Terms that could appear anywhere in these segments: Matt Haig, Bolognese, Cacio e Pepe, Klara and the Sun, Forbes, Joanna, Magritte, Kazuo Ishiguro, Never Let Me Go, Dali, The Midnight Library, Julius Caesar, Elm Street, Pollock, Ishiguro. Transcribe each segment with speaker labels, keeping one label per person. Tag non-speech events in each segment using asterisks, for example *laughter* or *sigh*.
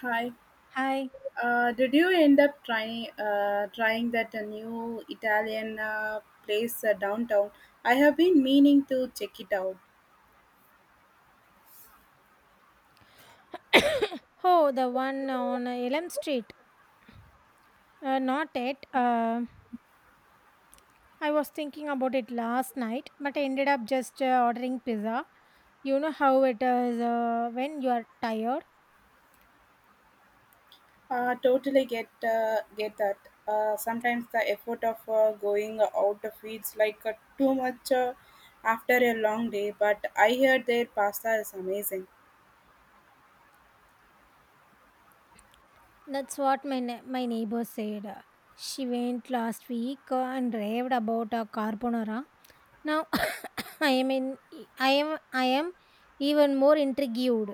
Speaker 1: Hi.
Speaker 2: Hi.
Speaker 1: Did you end up trying trying that new Italian place downtown? I have been meaning to check it out.
Speaker 2: *coughs* Oh, the one on Elm Street. Not yet. I was thinking about it last night, but I ended up just ordering pizza. You know how it is when you are tired.
Speaker 1: Totally get that. Sometimes the effort of going out feels like too much after a long day. But I heard their pasta is amazing.
Speaker 2: That's what my neighbor said. She went last week and raved about a carbonara. Now *coughs* I am in. I am even more intrigued.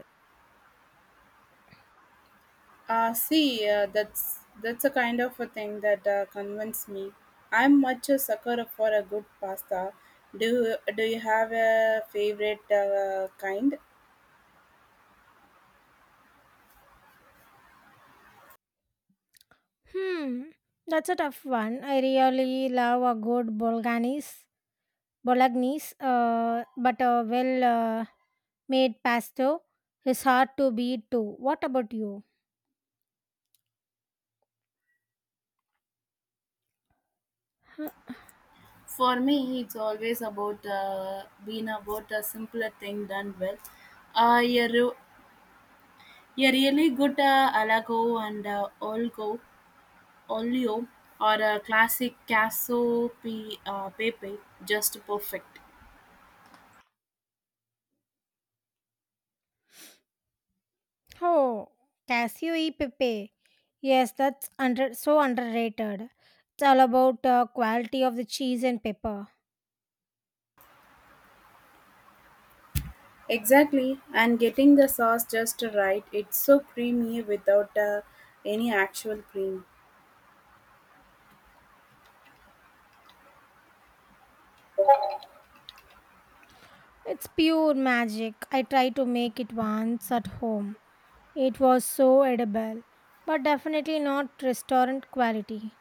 Speaker 1: See, that's a kind of a thing that convinced me. I'm much a sucker for a good pasta. Do you have a favorite kind?
Speaker 2: Hmm. That's a tough one. I really love a good Bolganese Bolognese, but a well made pasta is hard to beat too. What about you? Huh.
Speaker 1: For me, it's always about being about a simpler thing done well. Uh, you're, re- you're really good Alago and Olgo, Olio, or a classic Casso P, Pepe, just perfect.
Speaker 2: Oh, Casio e Pepe. Yes, that's under so underrated. It's all about quality of the cheese and pepper.
Speaker 1: Exactly, and getting the sauce just right. It's so creamy without any actual cream.
Speaker 2: It's pure magic. I tried to make it once at home. It was so edible, but definitely not restaurant quality.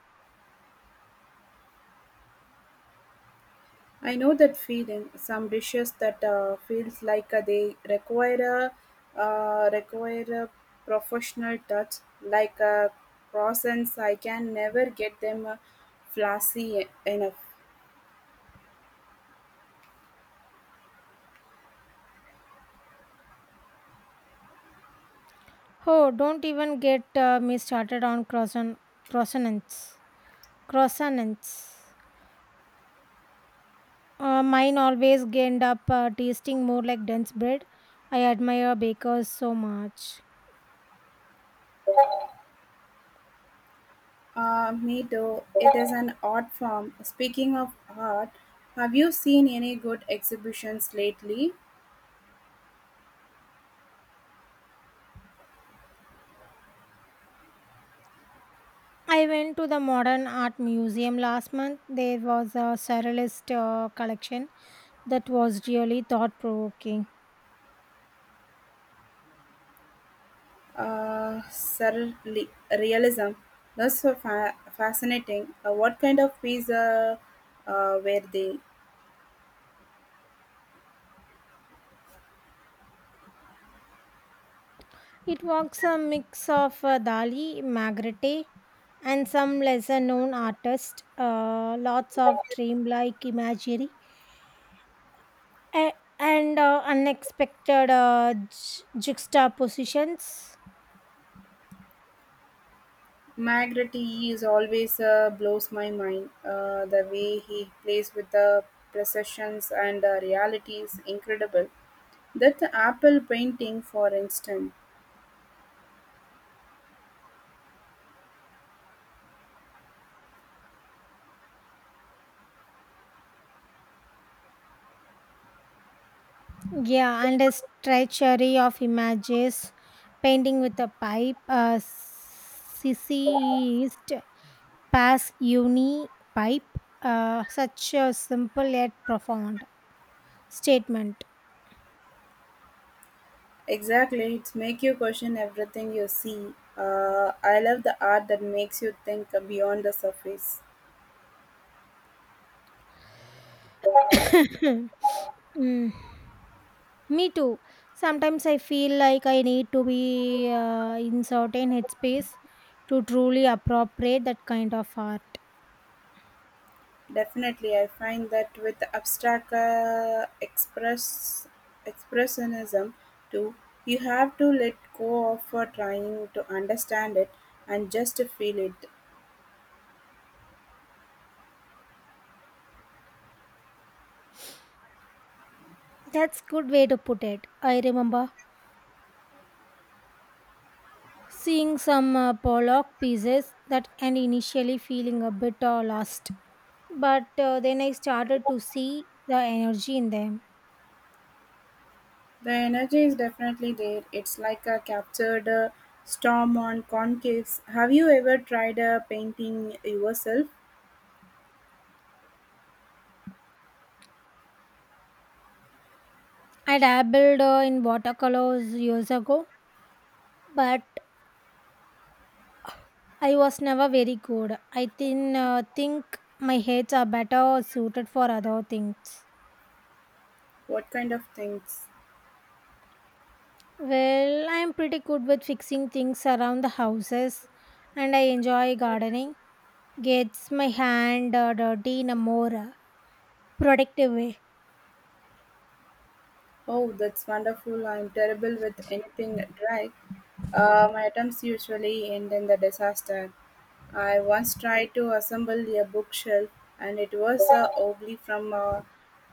Speaker 1: I know that feeling. Some dishes that feels like they require a professional touch, like croissants. I can never get them flashy enough.
Speaker 2: Oh, don't even get me started on croissants. Croissants. Mine always end up tasting more like dense bread. I admire bakers so much.
Speaker 1: Me too. It is an art form. Speaking of art, have you seen any good exhibitions lately?
Speaker 2: I went to the Modern Art Museum last month. There was a surrealist collection that was really thought provoking.
Speaker 1: Uh, surreali- Realism. That's so fascinating. What kind of pizza were they?
Speaker 2: It was a mix of Dali, Magritte, and some lesser known artists, lots of dreamlike imagery, a- and unexpected juxtapositions.
Speaker 1: Magritte is always blows my mind. The way he plays with the perceptions and reality is incredible. That apple painting, for instance,
Speaker 2: Yeah, and a stretchery of images, painting with a pipe, a Sissyist pass uni pipe, such a simple yet profound statement.
Speaker 1: exactly, it's make you question everything you see. I love the art that makes you think beyond the surface.
Speaker 2: *coughs* Mm. Me too. Sometimes I feel like I need to be in certain headspace to truly appropriate that kind of art.
Speaker 1: Definitely, I find that with abstract expressionism too, you have to let go of trying to understand it and just feel it.
Speaker 2: That's good way to put it. I remember seeing some Pollock pieces that and initially feeling a bit lost, but then I started to see the energy in them.
Speaker 1: The energy is definitely there. It's like a captured storm on concaves. Have you ever tried painting yourself?
Speaker 2: I dabbled in watercolors years ago, but I was never very good. I think my heads are better suited for other things.
Speaker 1: What kind of things?
Speaker 2: Well, I am pretty good with fixing things around the houses, and I enjoy gardening. Gets my hand dirty in a more productive way.
Speaker 1: Oh, that's wonderful. I'm terrible with anything dry. My attempts usually end in the disaster. I once tried to assemble a bookshelf and it was uh, wobbly from uh,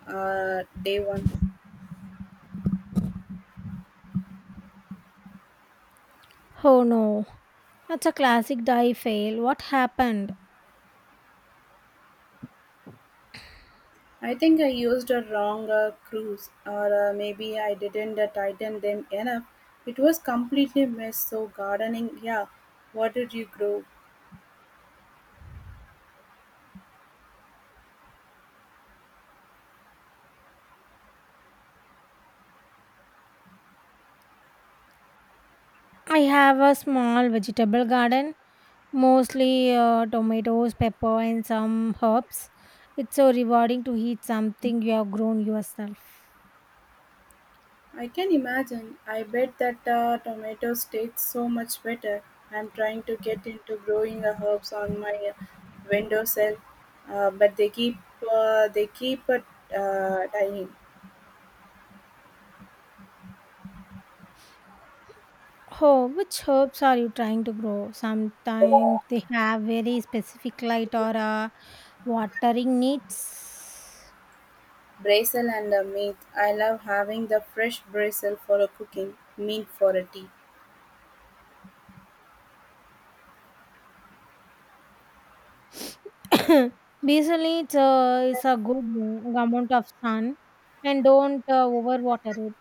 Speaker 1: uh, day one.
Speaker 2: Oh no, that's a classic die fail. What happened?
Speaker 1: I think I used a wrong screws or maybe I didn't tighten them enough. It was completely mess. So gardening, yeah. What did you grow?
Speaker 2: I have a small vegetable garden, mostly tomatoes, pepper, and some herbs. It's so rewarding to eat something you have grown yourself.
Speaker 1: I can imagine. I bet that tomatoes taste so much better. I'm trying to get into growing herbs on my windowsill, but they keep dying.
Speaker 2: Oh, which herbs are you trying to grow? Sometimes they have very specific light or watering needs.
Speaker 1: Basil and meat. I love having the fresh basil for a cooking, meat for a tea.
Speaker 2: *coughs* Basically, it's a good amount of sun and don't overwater it.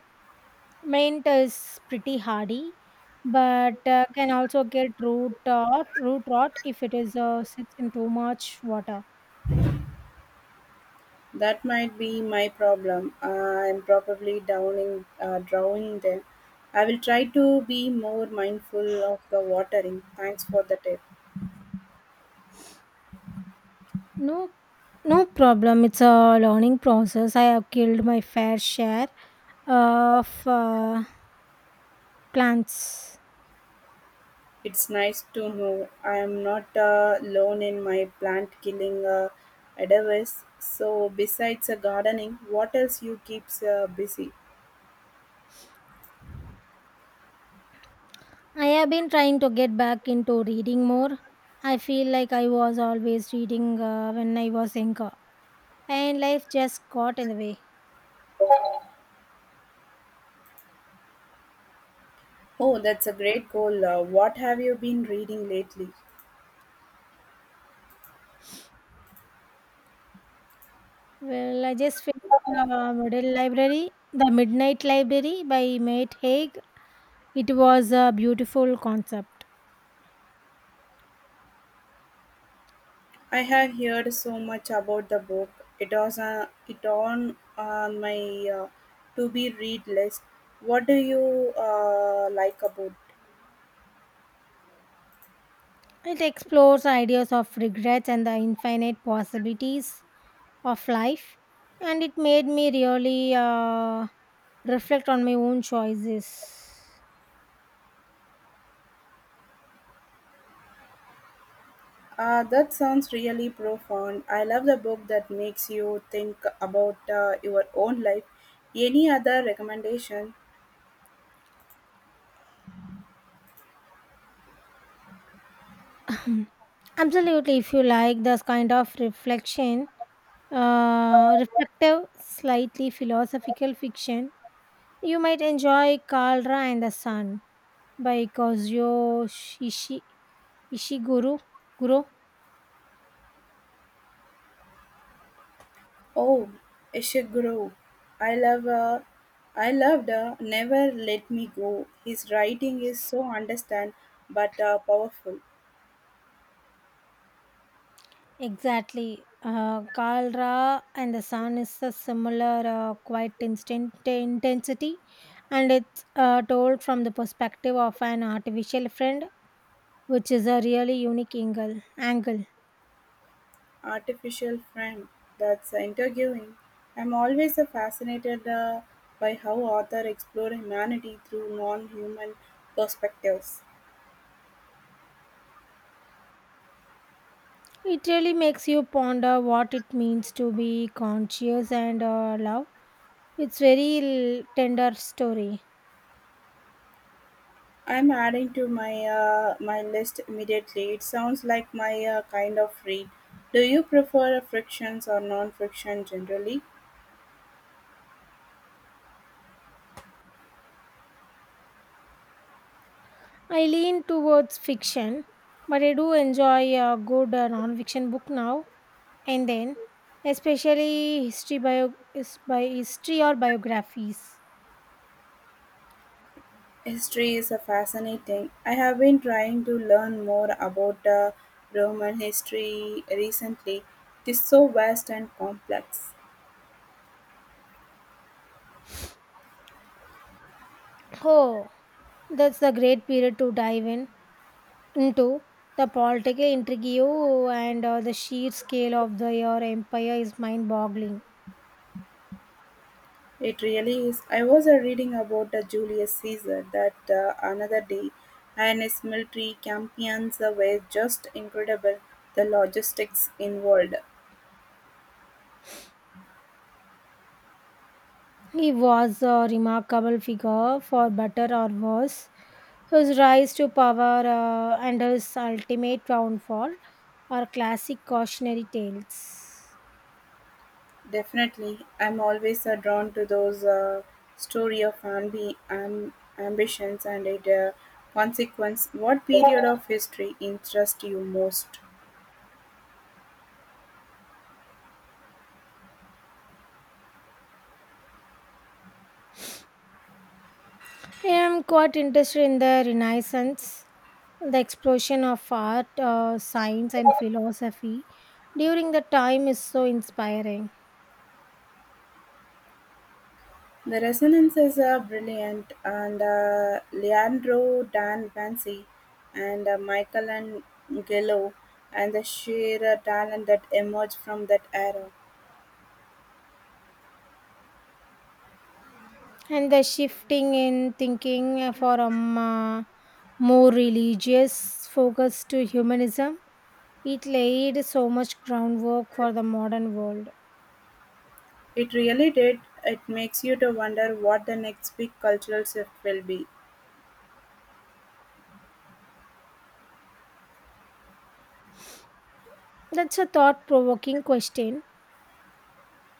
Speaker 2: Mint is pretty hardy but can also get root rot if it is sits in too much water.
Speaker 1: That might be my problem. I'm probably downing drowning them. I will try to be more mindful of the watering. Thanks for the tip.
Speaker 2: No, no problem. It's a learning process. I have killed my fair share of plants.
Speaker 1: It's nice to know I am not alone in my plant killing endeavors. So, besides gardening, what else you keeps busy?
Speaker 2: I have been trying to get back into reading more. I feel like I was always reading when I was younger, and life just got in the way.
Speaker 1: Oh, that's a great goal. What have you been reading lately?
Speaker 2: Well, I just finished the Midnight Library by Matt Haig. It was a beautiful concept.
Speaker 1: I have heard so much about the book. It was it on my uh, to be read list. What do you like about?
Speaker 2: It explores ideas of regrets and the infinite possibilities of life, and it made me really reflect on my own choices.
Speaker 1: That sounds really profound. I love the book that makes you think about your own life. Any other recommendation?
Speaker 2: *laughs* *clears throat* Absolutely, if you like this kind of reflection, reflective, slightly philosophical fiction, you might enjoy Kalra and the Sun by Kazuyo Ishi, Ishiguro. Guru.
Speaker 1: Oh, Ishiguro. I love. I loved Never Let Me Go. His writing is so understand but powerful.
Speaker 2: Exactly. Kalra and the Sun is a similar quite instant intensity, and it's told from the perspective of an artificial friend, which is a really unique Angle.
Speaker 1: Artificial frame. That's interviewing. I'm always fascinated by how author explore humanity through non-human perspectives.
Speaker 2: It really makes you ponder what it means to be conscious and love. It's very tender story.
Speaker 1: I'm adding to my list immediately. It sounds like my kind of read. Do you prefer frictions or non-friction generally?
Speaker 2: I lean towards fiction, but I do enjoy a good non-fiction book now and then, especially history or biographies.
Speaker 1: History is a fascinating. I have been trying to learn more about Roman history recently. It is so vast and complex.
Speaker 2: Oh, that's the great period to dive in into the political intrigue and the sheer scale of the your empire is mind-boggling.
Speaker 1: It really is. I was reading about Julius Caesar that another day, and his military campaigns were just incredible. The logistics involved.
Speaker 2: He was a remarkable figure, for better or worse. His rise to power and his ultimate downfall are classic cautionary tales.
Speaker 1: Definitely, I'm always drawn to those story of ambitions and it consequence. What period of history interests you most?
Speaker 2: I am quite interested in the Renaissance, the explosion of art, science, and philosophy during the time is so inspiring.
Speaker 1: The resonances are brilliant, and Leandro Dan Vancy and Michael and Gillo, and the sheer talent that emerged from that era.
Speaker 2: And the shifting in thinking from more religious focus to humanism It laid so much groundwork for the modern world.
Speaker 1: It really did. It makes you to wonder what the next big cultural shift will be.
Speaker 2: That's a thought provoking question.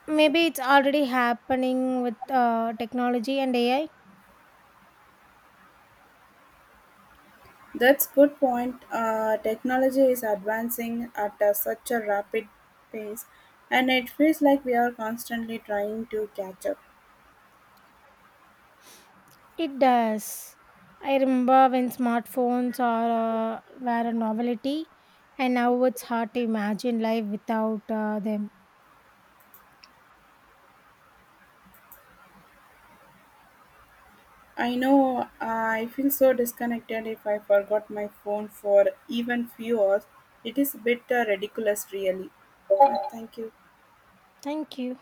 Speaker 2: Maybe it's already happening with technology and AI.
Speaker 1: That's good point. Technology is advancing at a, such a rapid pace, and it feels like we are constantly trying to catch up.
Speaker 2: It does. I remember when smartphones were a novelty, and now it's hard to imagine life without them.
Speaker 1: I know I feel so disconnected if I forgot my phone for even few hours. It is a bit ridiculous, really. Thank you.
Speaker 2: Thank you.